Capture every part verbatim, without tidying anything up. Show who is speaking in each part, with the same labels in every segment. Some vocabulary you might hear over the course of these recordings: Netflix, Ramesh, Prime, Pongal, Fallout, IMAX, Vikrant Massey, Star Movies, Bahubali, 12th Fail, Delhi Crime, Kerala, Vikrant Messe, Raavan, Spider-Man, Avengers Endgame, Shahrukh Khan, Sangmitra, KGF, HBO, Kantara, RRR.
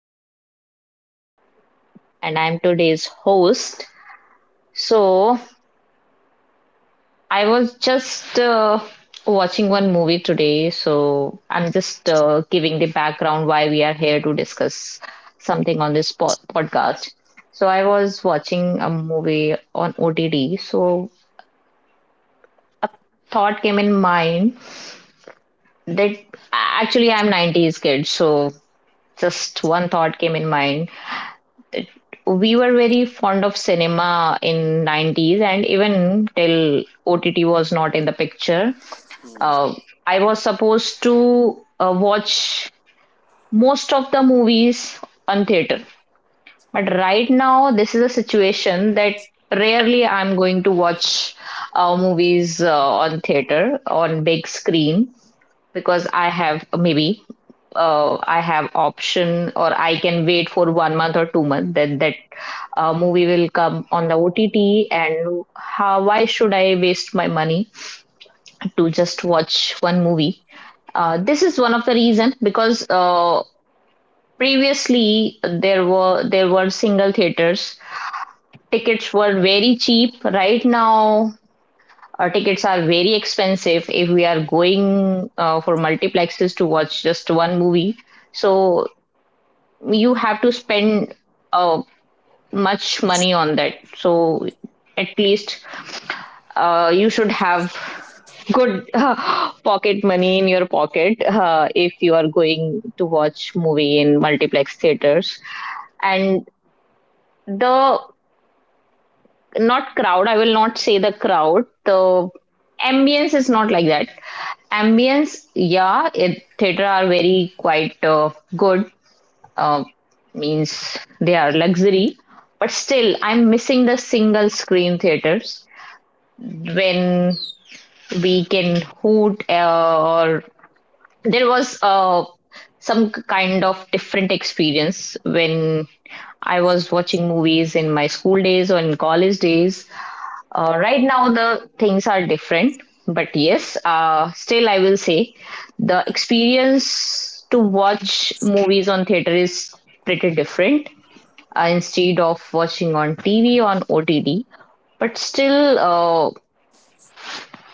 Speaker 1: Sangmitra and I am today's host. So, I was just uh, watching one movie today, so I'm just uh, giving the background why we are here to discuss something on this po- podcast. So, I was watching a movie on O T T, so a thought came in mind that actually I'm nineties kid, so just one thought came in mind, we were very fond of cinema in nineties, and even till ott was not in the picture. uh, I was supposed to uh, watch most of the movies on theater, but right now this is a situation that rarely I'm going to watch uh, movies uh, on theater, on big screen, because I have maybe uh, I have option, or I can wait for one month or two months that that uh, movie will come on the O T T. And how why should I waste my money to just watch one movie? Uh, this is one of the reason because uh, previously there were there were single theaters. Tickets were very cheap. Right now, our tickets are very expensive if we are going uh, for multiplexes to watch just one movie, so you have to spend uh, much money on that. So at least uh, you should have good uh, pocket money in your pocket uh, if you are going to watch movie in multiplex theaters. And the not crowd, I will not say the crowd. The ambience is not like that ambience, yeah, it, theater are very quite uh, good, uh, means they are luxury. But still, I'm missing the single screen theaters when we can hoot uh, or there was uh, some kind of different experience when I was watching movies in my school days or in college days. Uh, right now, the things are different, but yes, uh, still, I will say the experience to watch movies on theater is pretty different uh, instead of watching on T V on O T T. But still, uh,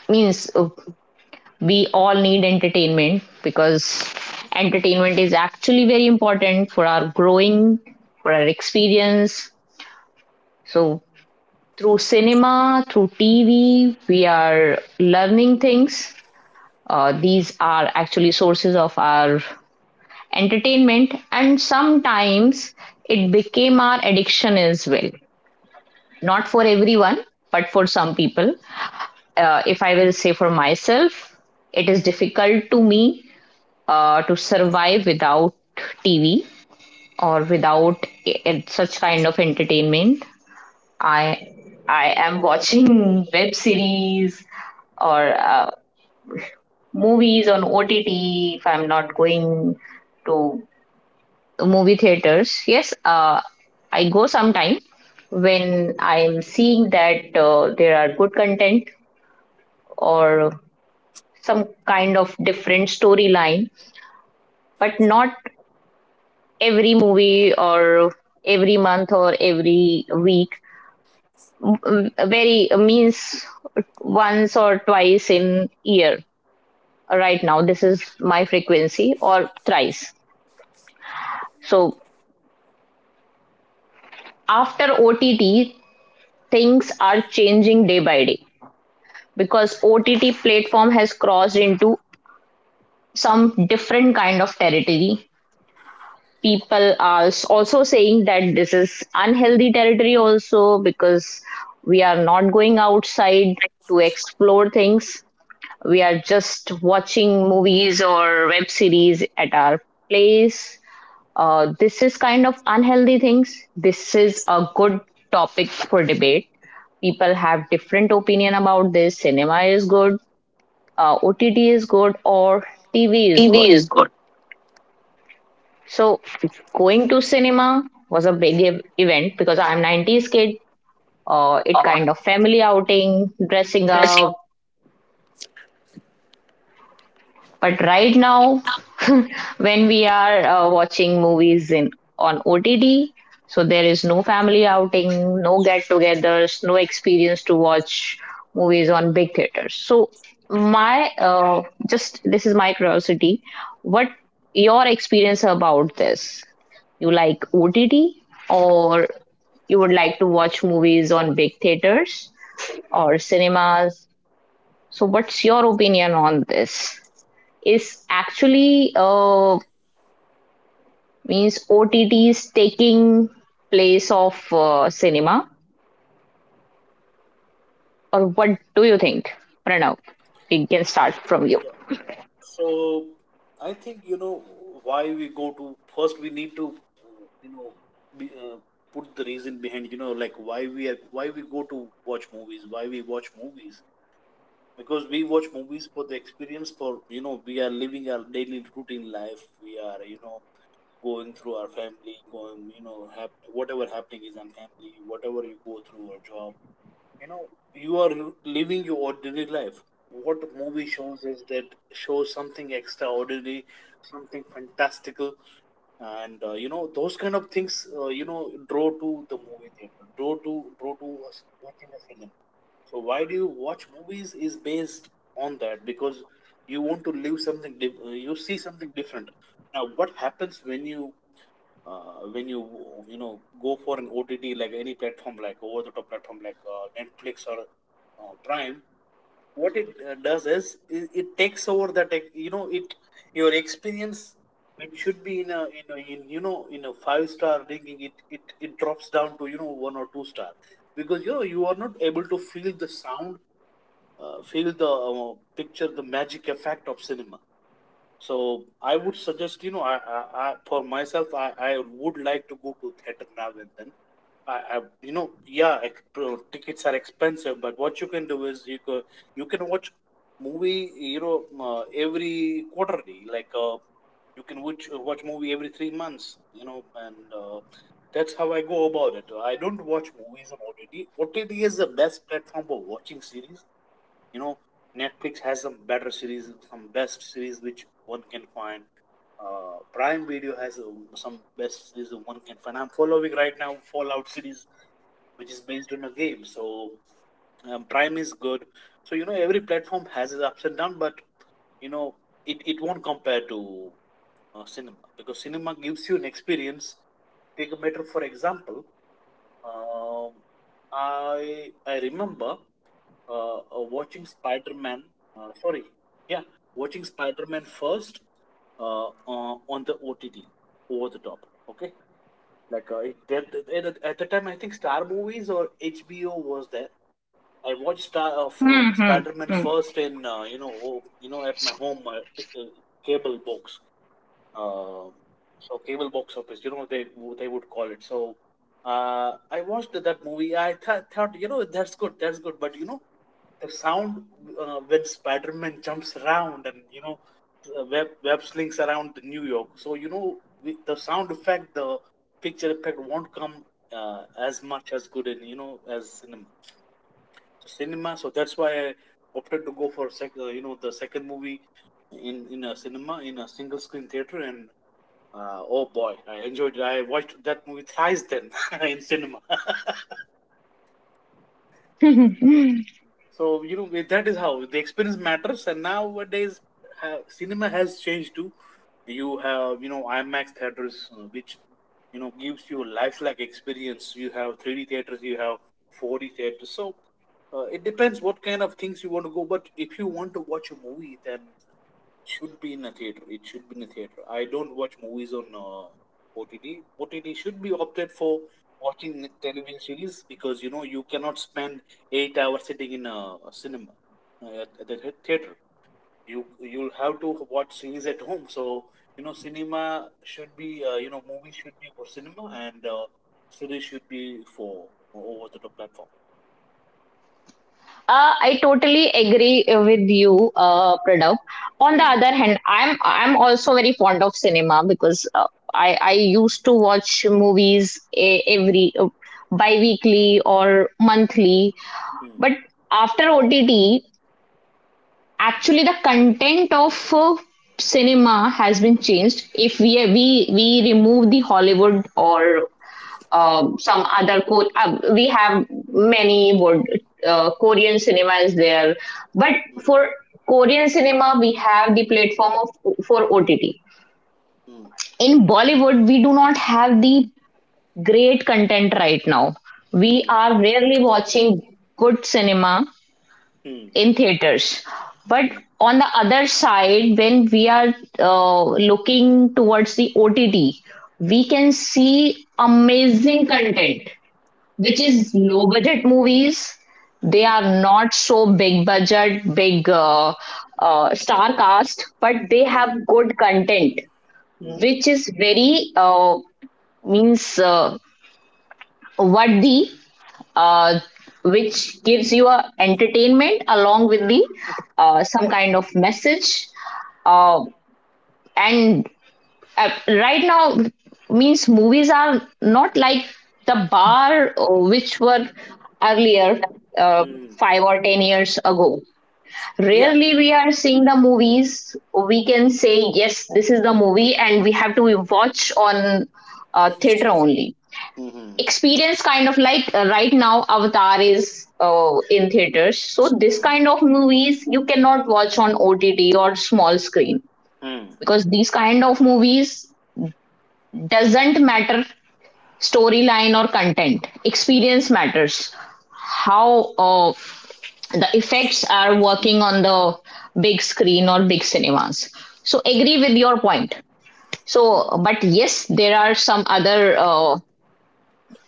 Speaker 1: means uh, we all need entertainment because entertainment is actually very important for our growing, for our experience. So through cinema, through T V, we are learning things. Uh, these are actually sources of our entertainment, and sometimes it became our addiction as well, not for everyone but for some people. Uh, if I will say for myself, it is difficult to me uh, to survive without tv, or without i- such kind of entertainment. I i am watching web series or uh, movies on ott if I'm not going to movie theaters. Yes, uh, I go sometime when I'm seeing that uh, there are good content or some kind of different storyline, but not every movie or every month or every week. Mm, Very uh, means once or twice in year. Right now, this is my frequency, or thrice. So after O T T, things are changing day by day because O T T platform has crossed into some different kind of territory. People are also saying that this is unhealthy territory also because we are not going outside to explore things. We are just watching movies or web series at our place. Uh, this is kind of unhealthy things. This is a good topic for debate. People have different opinion about this. Cinema is good, uh, ott is good, or tv is good.
Speaker 2: T V is good.
Speaker 1: So going to cinema was a big ev- event because I'm nineties kid. Uh, it
Speaker 2: Or
Speaker 1: kind of family outing, dressing
Speaker 2: dressing
Speaker 1: up. But right
Speaker 2: Right
Speaker 1: now,
Speaker 2: now,
Speaker 1: when we are uh, watching movies in on O T T, so there is no family outing, no get-togethers, no experience to watch movies on big theaters. So my uh, just this is my curiosity. What your experience about this? You like O T T, or you would like to watch movies on big theaters or cinemas? So what's your opinion on this? Is actually uh, means O T Ts taking place of uh, cinema, or what do you think, Pranav? We can start from you.
Speaker 3: Yeah. So I think you know why we go to first. We need to you know be, uh, put the reason behind you know like why we are why we go to watch movies. Why we watch movies because we watch movies for the experience. For you know we are living our daily routine life. We are you know going through our family, going you know hap- whatever happening is on family, whatever you go through our job you know you are living your ordinary life. What movie shows is that shows something extraordinary, something fantastical, and uh, you know those kind of things uh, you know draw to the movie theater, draw to draw to us watching the cinema. So why do you watch movies is based on that, because you want to live something diff- uh, you see something different. Now what happens when you uh, when you you know go for an O T T, like any platform, like over the top platform, like uh, Netflix or uh, Prime, what it uh, does is it, it takes over that ex- you know it your experience, which should be in a in, a, in you know in a five star ranking, it, it it drops down to you know one or two star, because you know you are not able to feel the sound, uh, feel the uh, picture, the magic effect of cinema. So I would suggest, you know, I, I, I for myself, I, I would like to go to theater now and then. I, I you know, yeah, ex- pro- tickets are expensive, but what you can do is you can you can watch movie, you know, uh, every quarterly. Like uh, you can watch uh, watch movie every three months, you know, and uh, that's how I go about it. I don't watch movies on O T T. O T T is the best platform for watching series. You know, Netflix has some better series, some best series which one can find. uh Prime Video has um, some best series one can find. I'm following right now Fallout series, which is based on a game. So um, Prime is good. So you know every platform has its ups and downs, but you know it, it won't compare to uh, cinema, because cinema gives you an experience. Take a matter for example. um, i i remember uh, uh, watching Spider-Man. Uh, sorry, yeah, watching Spider-Man first uh, uh, on the O T T, over the top. Okay, like uh, it, at, at the time I think Star Movies or H B O was there. I watched Star of um,
Speaker 1: Hmm, hmm,
Speaker 3: Spider-Man first in uh, you know oh, you know at my home, uh, uh, cable box. Uh, so cable box office, you know they they would call it. So uh, I watched that movie. I th- thought you know that's good, that's good, but you know the sound, uh, when Spider-Man jumps around and you know uh, web web slings around New York. So you know with the sound effect, the picture effect won't come uh, as much as good in you know as cinema. So cinema. So that's why I opted to go for sec- uh, you know the second movie in in a cinema in a single screen theater and. Uh, oh boy, I enjoyed it. I watched that movie thrice then in cinema. so
Speaker 1: hmm.
Speaker 3: So you know that is how the experience matters. And nowadays, uh, cinema has changed too. You have you know IMAX theaters, uh, which you know gives you a lifelike experience. You have three D theaters, you have four D theaters. So uh, it depends what kind of things you want to go. But if you want to watch a movie, then should be in a theater. It should be in a theater. I don't watch movies on uh, O T T. O T T should be opted for watching television series, because you know you cannot spend eight hours sitting in a, a cinema uh, at, at the the theater. You you'll have to watch series at home. So you know cinema should be uh, you know movies should be for cinema, and uh, series should be for over the top platform.
Speaker 1: Uh, I totally agree uh, with you, uh, Pranav. On the
Speaker 3: Hmm.
Speaker 1: other hand, I'm I'm also very fond of cinema because uh, I I used to watch movies e- every uh, bi-weekly or monthly,
Speaker 3: Hmm.
Speaker 1: but after O T T, actually, the content of uh, cinema has been changed. If we we we remove the Hollywood, or uh, some other co- uh, we have many wood, uh, Korean cinema is there, but
Speaker 3: Hmm.
Speaker 1: for Korean cinema we have the platform of for O T T. In Bollywood, we do not have the great content right now.
Speaker 3: Hmm.
Speaker 1: We
Speaker 3: Hmm.
Speaker 1: are rarely watching good cinema
Speaker 3: Hmm.
Speaker 1: in theaters. But
Speaker 3: Hmm.
Speaker 1: on the other side, when we are uh, looking towards the O T T, we can see amazing content, which is
Speaker 3: Hmm.
Speaker 1: low budget movies. They
Speaker 3: Hmm.
Speaker 1: are not so big budget, big uh, uh, star cast, but they
Speaker 3: Hmm.
Speaker 1: have good content,
Speaker 3: Hmm.
Speaker 1: which is very uh, means uh, worthy, uh, which gives you a entertainment along with the uh, some kind of message. uh,
Speaker 3: Hmm.
Speaker 1: and uh, right now means movies are not like the bar uh, which were earlier uh,
Speaker 3: Mm.
Speaker 1: five or ten years ago.
Speaker 3: Yeah.
Speaker 1: Rarely we are seeing the movies. We can say yes this is the movie and we have to watch on uh, theater only,
Speaker 3: Mm-hmm.
Speaker 1: experience kind of, like uh, right now Avatar is uh, in theaters, so this
Speaker 3: Mm-hmm.
Speaker 1: kind of movies you cannot watch on ott or small screen, because these kind of movies doesn't matter storyline or content, experience matters, how uh, the effects are working on the big screen or big cinemas. So agree with your point. So
Speaker 3: Mm.
Speaker 1: but yes there are some other uh,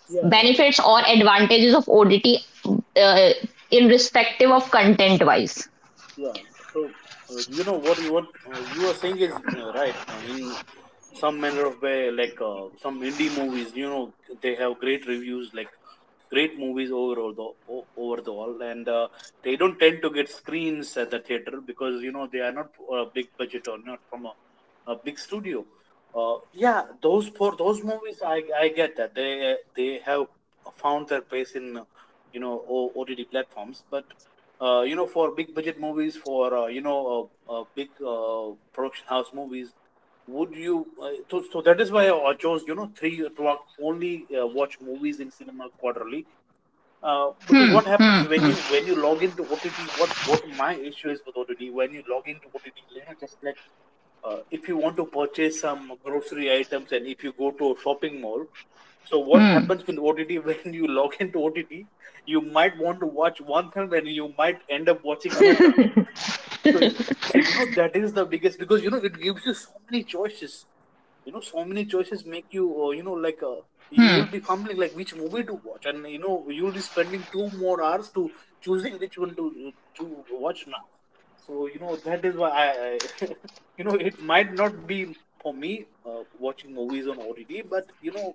Speaker 3: Yeah.
Speaker 1: benefits or advantages of O D T uh, in
Speaker 3: Mm.
Speaker 1: respective of content wise.
Speaker 3: Yeah. So, uh, you know what you what uh, you are saying is uh, right. Uh, in some manner of way, like uh, some indie movies, you know, they have great reviews, like great movies overall, the o- over the all, and uh, they don't tend to get screens at the theater because you know they are not a big budget or not from a, a big studio. Uh, yeah, those for those movies, I I get that they they have found their place in uh, you know O- OTT platforms, but uh, you know, for big budget movies, for uh, you know, uh, uh, big uh, production house movies, would you? Uh, so, so that is why I chose, you know, three o'clock only uh, watch movies in cinema quarterly. Uh, because
Speaker 1: Hmm,
Speaker 3: what happens
Speaker 1: hmm,
Speaker 3: when
Speaker 1: hmm,
Speaker 3: you when you log into O T T? What what my issue is with O T T? When you log into O T T, you know, just like uh, if you want to purchase some grocery items and if you go to a shopping mall, so what
Speaker 1: hmm,
Speaker 3: happens with O T T when you log into O T T? You might want to watch one film and you might end up watching another. So so you know that is the biggest because you know it gives you so many choices. You know so many choices make you uh,
Speaker 1: hmm,
Speaker 3: you know like uh, you will be fumbling like which movie to watch and you know you will be spending two more hours to choosing which one to uh, to watch now. So you know that is why I, I you know it might not be for me uh, watching movies on O T T, but you know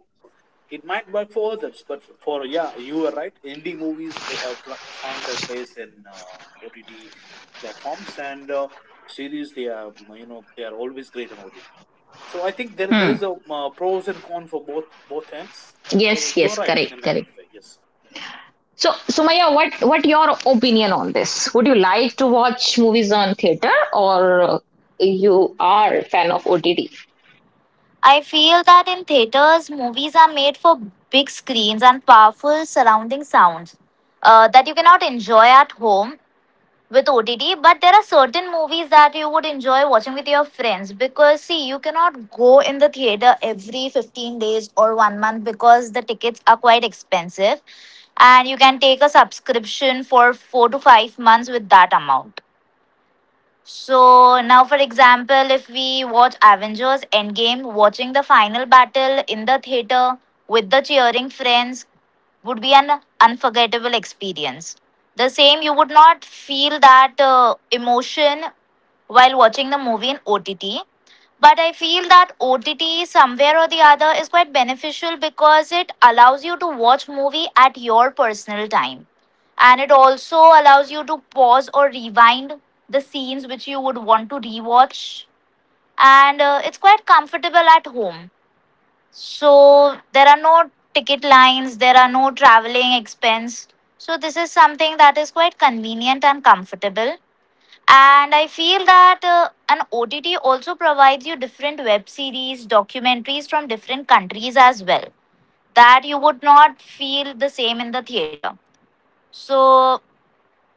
Speaker 3: it might work for others, but for yeah, you are right. Indie movies they have pl- found their place in uh, O T T platforms and uh, series. They are you know they are always great on O T T. So I think
Speaker 1: hmm.
Speaker 3: there there is a uh, pros and cons for both both ends. Uh,
Speaker 1: Yes,
Speaker 3: so
Speaker 1: yes,
Speaker 3: you are right
Speaker 1: correct,
Speaker 3: in a
Speaker 1: correct.
Speaker 3: manner of way. Yes.
Speaker 1: So, Sumaya, what what your opinion on this? Would you like to watch movies on theater, or you are fan of O T T?
Speaker 2: I feel that in theaters, movies are made for big screens and powerful surrounding sounds uh, that you cannot enjoy at home with O T T. But there are certain movies that you would enjoy watching with your friends because, see, you cannot go in the theater every fifteen days or one month because the tickets are quite expensive. And you can take a subscription for four to five months with that amount. So now, for example, if we watch Avengers Endgame, watching the final battle in the theater with the cheering friends would be an unforgettable experience. The same, you would not feel that uh, emotion while watching the movie in O T T. But I feel that O T T somewhere or the other is quite beneficial because it allows you to watch movie at your personal time. And it also allows you to pause or rewind the scenes which you would want to rewatch. And uh, it's quite comfortable at home. So there are no ticket lines, there are no traveling expense. So this is something that is quite convenient and comfortable. And I feel that uh, an O T T also provides you different web series, documentaries from different countries as well, that you would not feel the same in the theater. So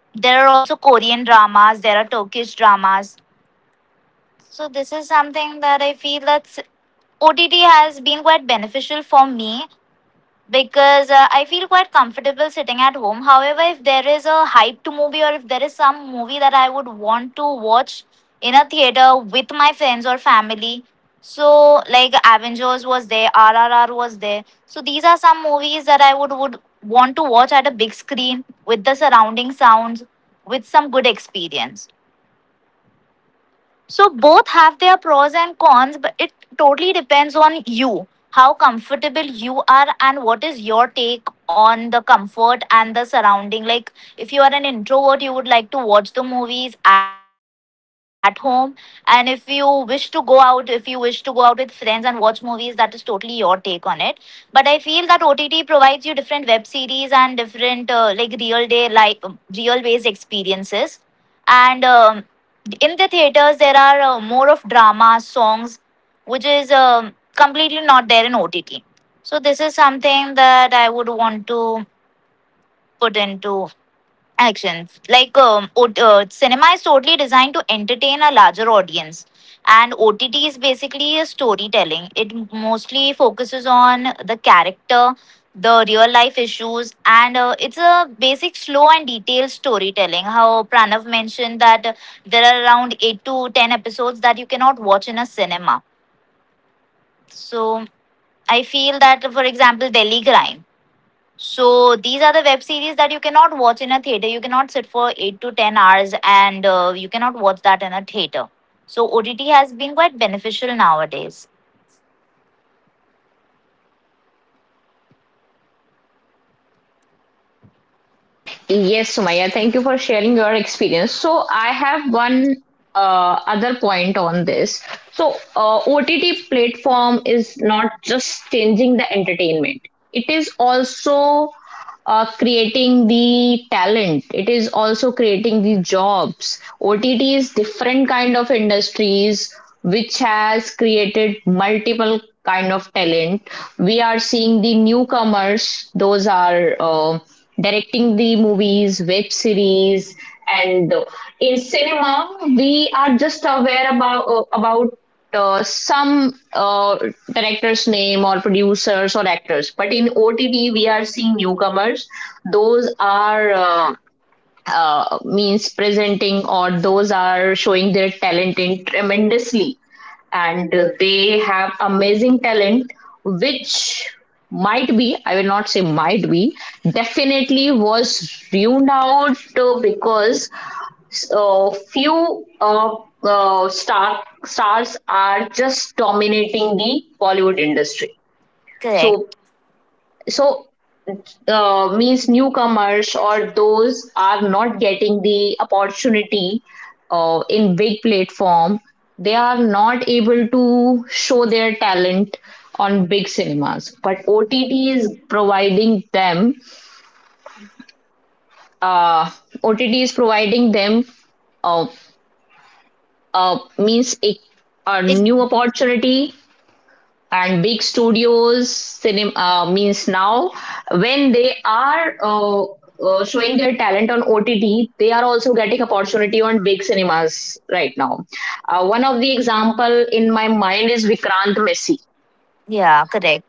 Speaker 2: there are also Korean dramas, there are Turkish dramas. So this is something that I feel that O T T has been quite beneficial for me because uh, I feel quite comfortable sitting at home. However, if there is a hyped movie or if there is some movie that I would want to watch in a theater with my friends or family, so like Avengers was there, R R R was there. So these are some movies that I would would want to watch at a big screen with the surrounding sounds with some good experience. So both have their pros and cons, but it totally depends on you, how comfortable you are, and what is your take on the comfort and the surrounding. Like, if you are an introvert, you would like to watch the movies at home, and if you wish to go out, if you wish to go out with friends and watch movies, that is totally your take on it. But I feel that O T T provides you different web series and different uh, like real day, like real based experiences and um, in the theaters there are uh, more of drama songs which is um completely not there in OTT. So this is something that I would want to put into actions. Like, um, ot- uh, cinema is totally designed to entertain a larger audience, and OTT is basically a storytelling. It mostly focuses on the character, the real life issues, and uh, it's a basic slow and detailed storytelling. How Pranav mentioned that uh, there are around eight to ten episodes that you cannot watch in a cinema. So I feel that, for example, Delhi Crime, so these are the web series that you cannot watch in a theater. You cannot sit for eight to ten hours, and uh, you cannot watch that in a theater. So O T T has been quite beneficial nowadays.
Speaker 1: Yes, Sumaya, thank you for sharing your experience. So, I have one uh, other point on this. So, uh, O T T platform is not just changing the entertainment, it is also uh, creating the talent, it is also creating the jobs. Ott is different kind of industries which has created multiple kind of talent. We are seeing the newcomers, those are uh, directing the movies web series. And in cinema we are just aware about uh, about uh, some uh, director's name or producers or actors. But in O T T, we are seeing newcomers. Those are uh, uh, means presenting, or those are showing their talent in tremendously, and they have amazing talent which might be, I will not say might be, definitely was ruined out uh, because so few uh, uh, star stars are just dominating the Bollywood industry. So
Speaker 2: Correct.
Speaker 1: so uh, means newcomers, or those are not getting the opportunity uh, in big platform, they are not able to show their talent on big cinemas, but ott is providing them, uh, ott is providing them, uh, uh, means a, a
Speaker 2: It,
Speaker 1: new opportunity. And big studios cinema uh, means now when they are uh, uh, showing their talent on ott, they are also getting opportunity on big cinemas right now. Uh, one of the example in my mind is Vikrant Messi.
Speaker 2: yeah, correct.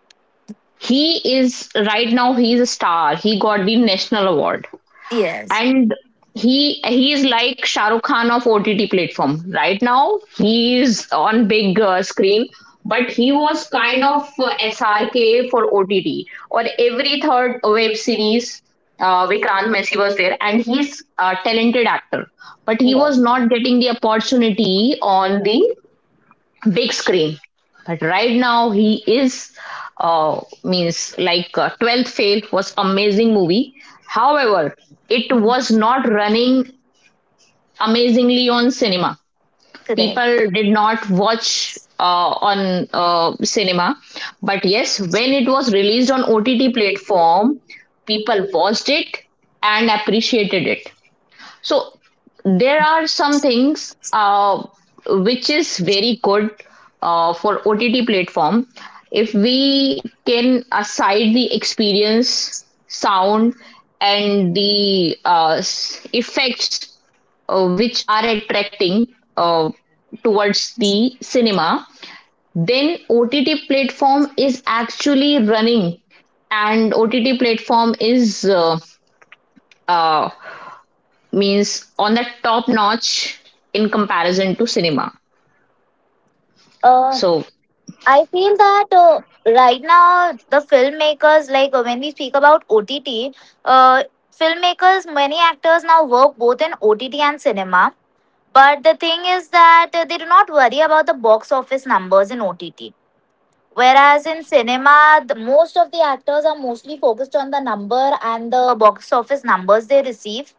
Speaker 1: He is, right now he is a star, he got the national award,
Speaker 2: Yes.
Speaker 1: and he he is like Shahrukh Khan of O T T platform. Right now, he is on big uh, screen, but he was kind of uh, S R K for O T T. Or every third web series, uh, Vikrant Massey was there, and he's a talented actor, but he
Speaker 2: Yeah.
Speaker 1: was not getting the opportunity on the big screen. But right now he is uh, means like uh, twelfth Fail was amazing movie. However, it was not running amazingly on cinema.
Speaker 2: Correct.
Speaker 1: People did not watch uh, on uh, cinema, but yes, when it was released on O T T platform, people watched it and appreciated it. So there are some things uh, which is very good uh, for O T T platform. If we can aside the experience, sound, and the uh, effects uh, which are attracting uh, towards the cinema, then O T T platform is actually running, and O T T platform is uh, uh, means on the top notch in comparison to cinema.
Speaker 2: Uh,
Speaker 1: So
Speaker 2: I feel that uh, right now the filmmakers, like uh, when we speak about O T T, uh, filmmakers, many actors now work both in O T T and cinema. But the thing is that uh, they do not worry about the box office numbers in O T T. Whereas in cinema, the, most of the actors are mostly focused on the number and the box office numbers they receive.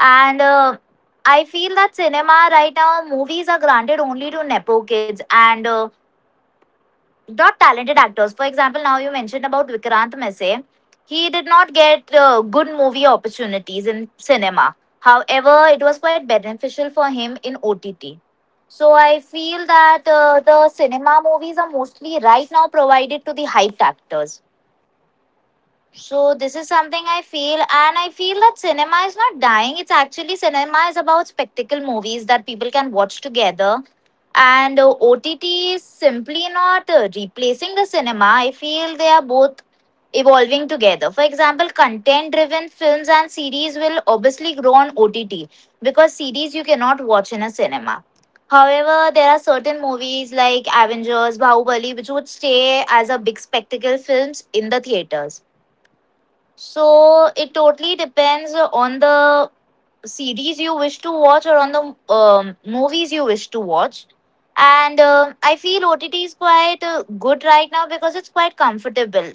Speaker 2: And uh, I feel that cinema right now, movies are granted only to Nepo kids. And uh, not talented actors. For example, now you mentioned about Vikrant Messe. He did not get uh, good movie opportunities in cinema. However, it was quite beneficial for him in O T T. So I feel that uh, the cinema movies are mostly right now provided to the hyped actors. So this is something I feel, and I feel that cinema is not dying. It's actually cinema is about spectacle movies that people can watch together, and uh, O T T is simply not uh, replacing the cinema. I feel they are both evolving together. For example, content-driven films and series will obviously grow on O T T because series you cannot watch in a cinema. However, there are certain movies like Avengers, Bahubali, which would stay as a big spectacle films in the theaters. So it totally depends on the series you wish to watch or on the um, movies you wish to watch. And uh, I feel O T T is quite uh, good right now because it's quite comfortable,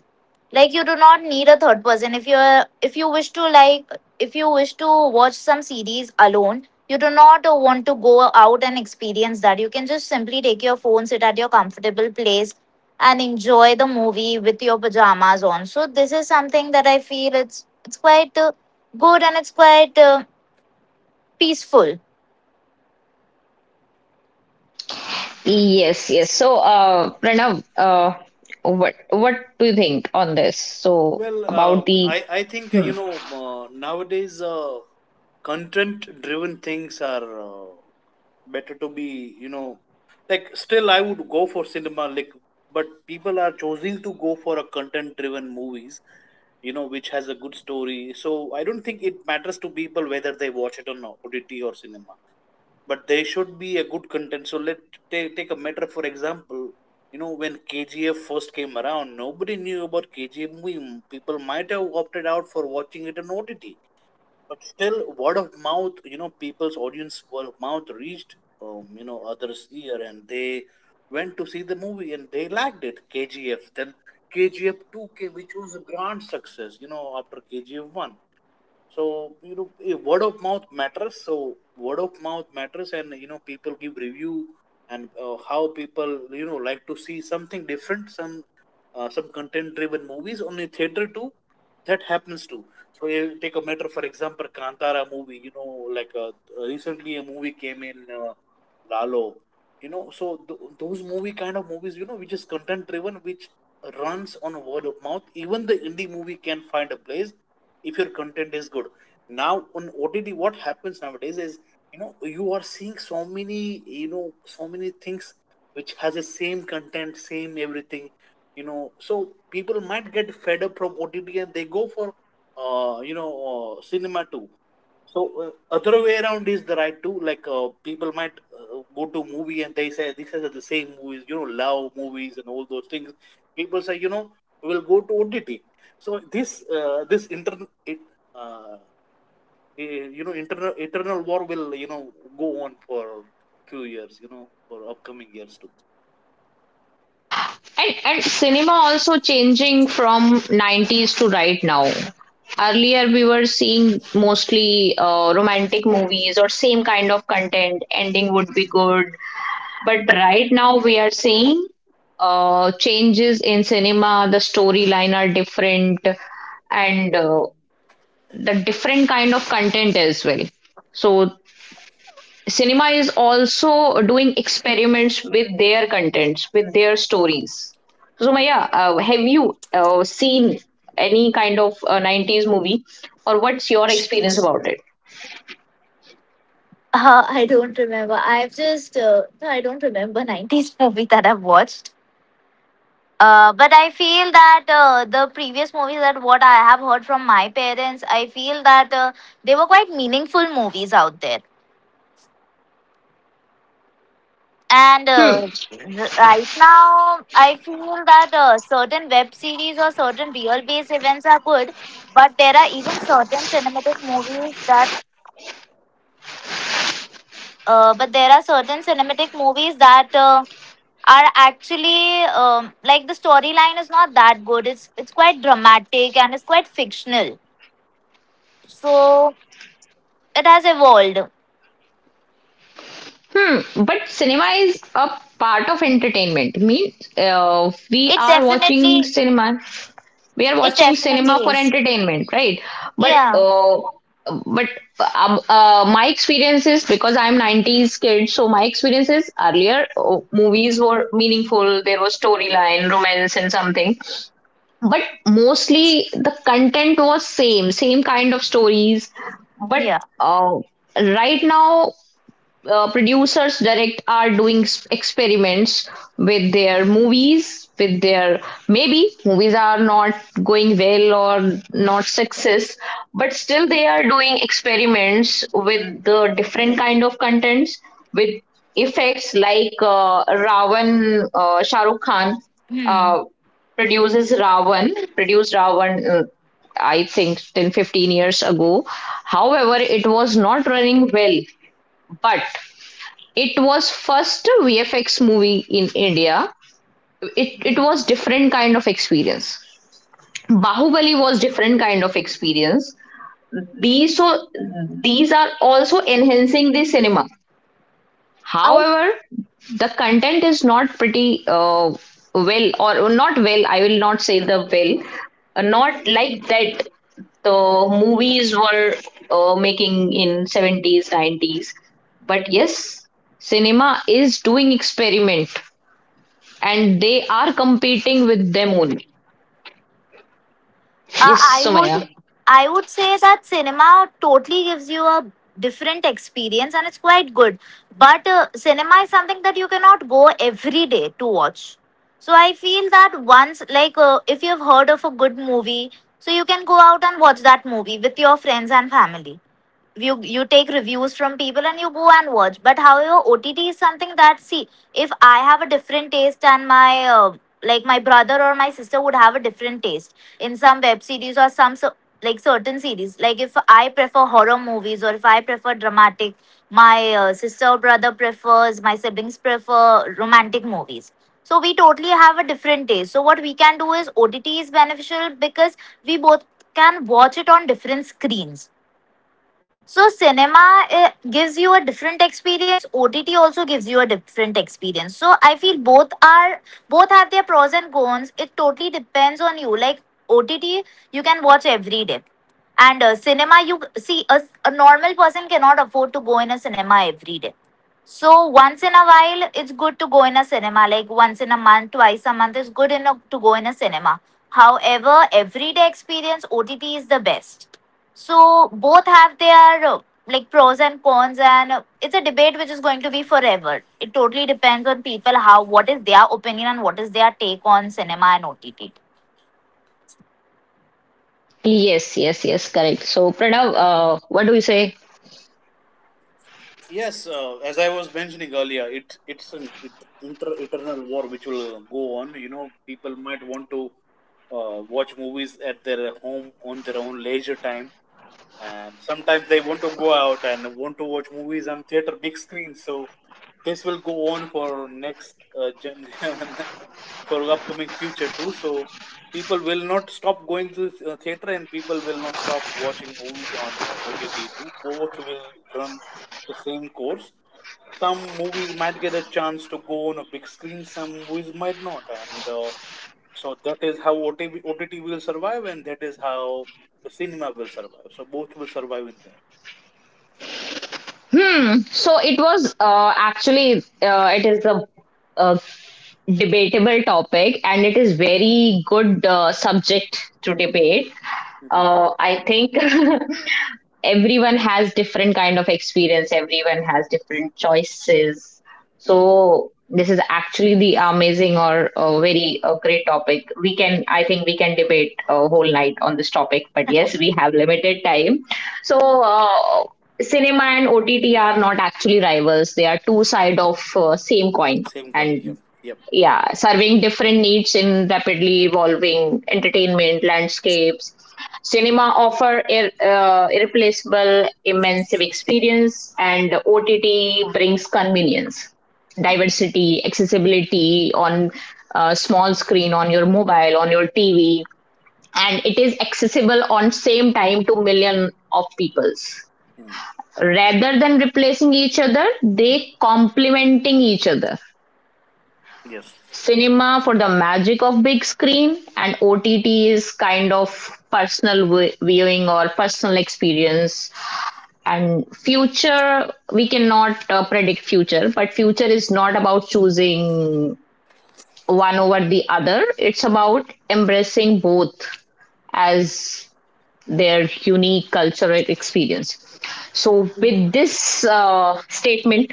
Speaker 2: like you do not need a third person if you are if you wish to, like if you wish to watch some series alone. You do not uh, want to go out and experience that. You can just simply take your phone, sit at your comfortable place, and enjoy the movie with your pajamas on. So this is something that I feel it's it's quite uh, good and it's quite uh, peaceful.
Speaker 1: yes, yes. So uh,
Speaker 3: Mm.
Speaker 1: Pranav, uh, what what do you think on this? So
Speaker 3: Well, uh,
Speaker 1: about the
Speaker 3: I I think uh, you know uh, nowadays uh, content driven things are uh, better to be you know like still I would go for cinema like, but people are choosing to go for a content driven movies, you know which has a good story. So I don't think it matters to people whether they watch it on O T T or cinema, but there should be a good content. So let take take a matter for example. You know when K G F first came around, nobody knew about K G F movie. People might have opted out for watching it on O T T, but still word of mouth. You know people's audience word of mouth reached um, you know others' ear, and they went to see the movie and they liked it. K G F then K G F two came, which was a grand success. You know after K G F one. So you know eh, word of mouth matters. So word of mouth matters and you know people give review, and uh, how people you know like to see something different, some uh, some content driven movies on a theater too. That happens too. So you take a matter for example Kantara movie, you know, like uh, recently a movie came in uh, Lalo, you know, so th- those movie kind of movies you know which is content driven, which runs on word of mouth. Even the indie movie can find a place if your content is good. Now on OTT, what happens nowadays is you know you are seeing so many, you know, so many things which has a same.
Speaker 1: and and cinema also changing from nineties to right now. Earlier we were seeing mostly uh, romantic movies or same kind of content. Ending would be good. But right now we are seeing uh, changes in cinema. The storyline are different, and uh, the different kind of content as well. So cinema is also doing experiments with their contents, with their stories. So Maya, uh, have you uh, seen any kind of uh, nineties movie, or what's your experience about it?
Speaker 2: uh, I don't remember. i've just uh, I don't remember nineties movie that I've watched. Uh, but I feel that uh, the previous movies that what I have heard from my parents, I feel that uh, they were quite meaningful movies out there. And
Speaker 1: Hmm.
Speaker 2: uh, r- right now, I feel that uh, certain web series or certain real based events are good, but there are even certain cinematic movies that, uh, but there are certain cinematic movies that uh, are actually um, like the storyline is not that good. It's it's quite dramatic and it's quite fictional. So it has evolved.
Speaker 1: Hmm, but cinema is a part of entertainment. Means uh, we
Speaker 2: It
Speaker 1: are watching
Speaker 2: definitely,
Speaker 1: cinema. We are
Speaker 2: it
Speaker 1: watching cinema
Speaker 2: definitely
Speaker 1: for
Speaker 2: is.
Speaker 1: entertainment, right? But
Speaker 2: Yeah,
Speaker 1: uh, but uh, uh, my experience is because I'm nineties kid, so my experience is earlier uh, movies were meaningful. There was storyline, romance, and something. But mostly the content was same, same kind of stories. But
Speaker 2: yeah.
Speaker 1: uh, right now uh, producers direct are doing s- experiments with their movies with their, maybe movies are not going well or not success, but still they are doing experiments with the different kind of contents, with effects like uh, Ravan, uh, Shah Rukh Khan
Speaker 2: Hmm.
Speaker 1: uh, produces ravan produced Ravan uh, I think ten fifteen years ago, however it was not running well, but it was first V F X movie in India. It it was different kind of experience. Bahubali was different kind of experience. These so these are also enhancing the cinema.
Speaker 2: I, uh,
Speaker 1: However, the content is not pretty uh, well or not well. I will not say the well, uh, not like that the movies were uh, making in seventies nineties, but yes cinema is doing experiment and they are competing with them only. Yes,
Speaker 2: I
Speaker 1: Somaya.
Speaker 2: would, I would say that cinema totally gives you a different experience and it's quite good. But uh, cinema is something that you cannot go every day to watch. So I feel that once, like, uh, if you've heard of a good movie, so you can go out and watch that movie with your friends and family. you you take reviews from people and you go and watch. But however, OTT is something that, see, if I have a different taste, and my uh, like my brother or my sister would have a different taste in some web series or some. So like certain series, like if I prefer horror movies or if I prefer dramatic, my uh, sister or brother prefers my siblings prefer romantic movies. So we totally have a different taste. So what we can do is OTT is beneficial because we both can watch it on different screens. So cinema, it gives you a different experience. O T T also gives you a different experience. So I feel both are both have their pros and cons. It totally depends on you. Like O T T, you can watch every day, and uh, cinema you see a, a normal person cannot afford to go in a cinema every day. So once in a while, it's good to go in a cinema. Like once in a month, twice a month is good enough to go in a cinema. However, everyday experience O T T is the best. So both have their uh, like pros and cons, and uh, it's a debate which is going to be forever. It totally depends on people how what is their opinion and what is their take on cinema and O T T.
Speaker 1: Yes, yes, yes, correct. So, Pranav, uh, what do you say?
Speaker 3: Yes, uh, as I was mentioning earlier, it it's an it, inter eternal war which will uh, go on. You know, people might want to uh, watch movies at their home on their own leisure time, and sometimes they want to go out and want to watch movies on theater big screen. So this will go on for next uh, gen for upcoming future too. So people will not stop going to uh, theater and people will not stop watching movies on uh, O T T too. Both will run the same course. Some movies might get a chance to go on a big screen, some movies might not. And uh, so that is how O T V O T T will survive and that is how the cinema will survive. So both will survive in there.
Speaker 1: Hmm. So it was uh, actually uh, it is a, a debatable topic, and it is very good uh, subject to debate.
Speaker 3: Mm-hmm.
Speaker 1: Uh, I think everyone has different kind of experience, everyone has different choices.
Speaker 3: Mm.
Speaker 1: So this is actually the amazing or uh, very uh, great topic. We can i think we can debate a whole night on this topic, but yes we have limited time.
Speaker 3: Mm.
Speaker 1: So uh, cinema and ott are not actually rivals, they are two side of uh, same coin,
Speaker 3: Same coin. Yep.
Speaker 1: and
Speaker 3: Yep.
Speaker 1: yeah serving different needs in rapidly evolving entertainment landscapes. Cinema offer ir- uh, irreplaceable immersive experience, and ott brings convenience,
Speaker 3: Mm.
Speaker 1: diversity, accessibility on uh, small screen, on your mobile, on your tv, and it is accessible on same time to million of peoples.
Speaker 3: Mm.
Speaker 1: Rather than replacing each other, they complementing each other.
Speaker 3: Yes.
Speaker 1: Cinema for the magic of big screen, and O T T is kind of personal vi- viewing or personal experience. And future, we cannot uh, predict future, but future is not about choosing one over the other, it's about embracing both as their unique cultural experience. So with this uh, statement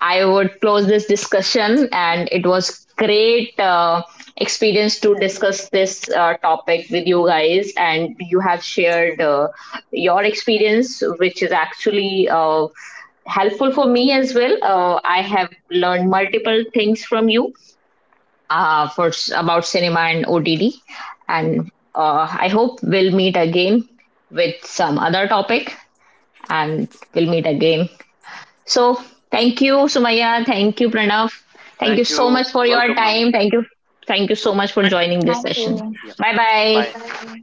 Speaker 1: I would close this discussion, and it was great uh, experience to discuss this uh, topic with you guys. And you have shared uh, your experience, which is actually uh, helpful for me as well. Uh, I have learned multiple things from you uh, for about cinema and O T D, and uh, I hope we'll meet again with some other topic, and we'll meet again. So thank you, Sumaya. Thank you, Pranav. Thank you
Speaker 3: Thank
Speaker 1: so
Speaker 3: you.
Speaker 1: much for your
Speaker 3: Welcome, ma'am.
Speaker 1: time. Thank you. Thank you
Speaker 3: Well,
Speaker 1: so much for joining this
Speaker 2: Thank
Speaker 1: session.
Speaker 2: you.
Speaker 3: yeah.
Speaker 1: Bye
Speaker 3: Bye.
Speaker 1: bye.
Speaker 2: Bye.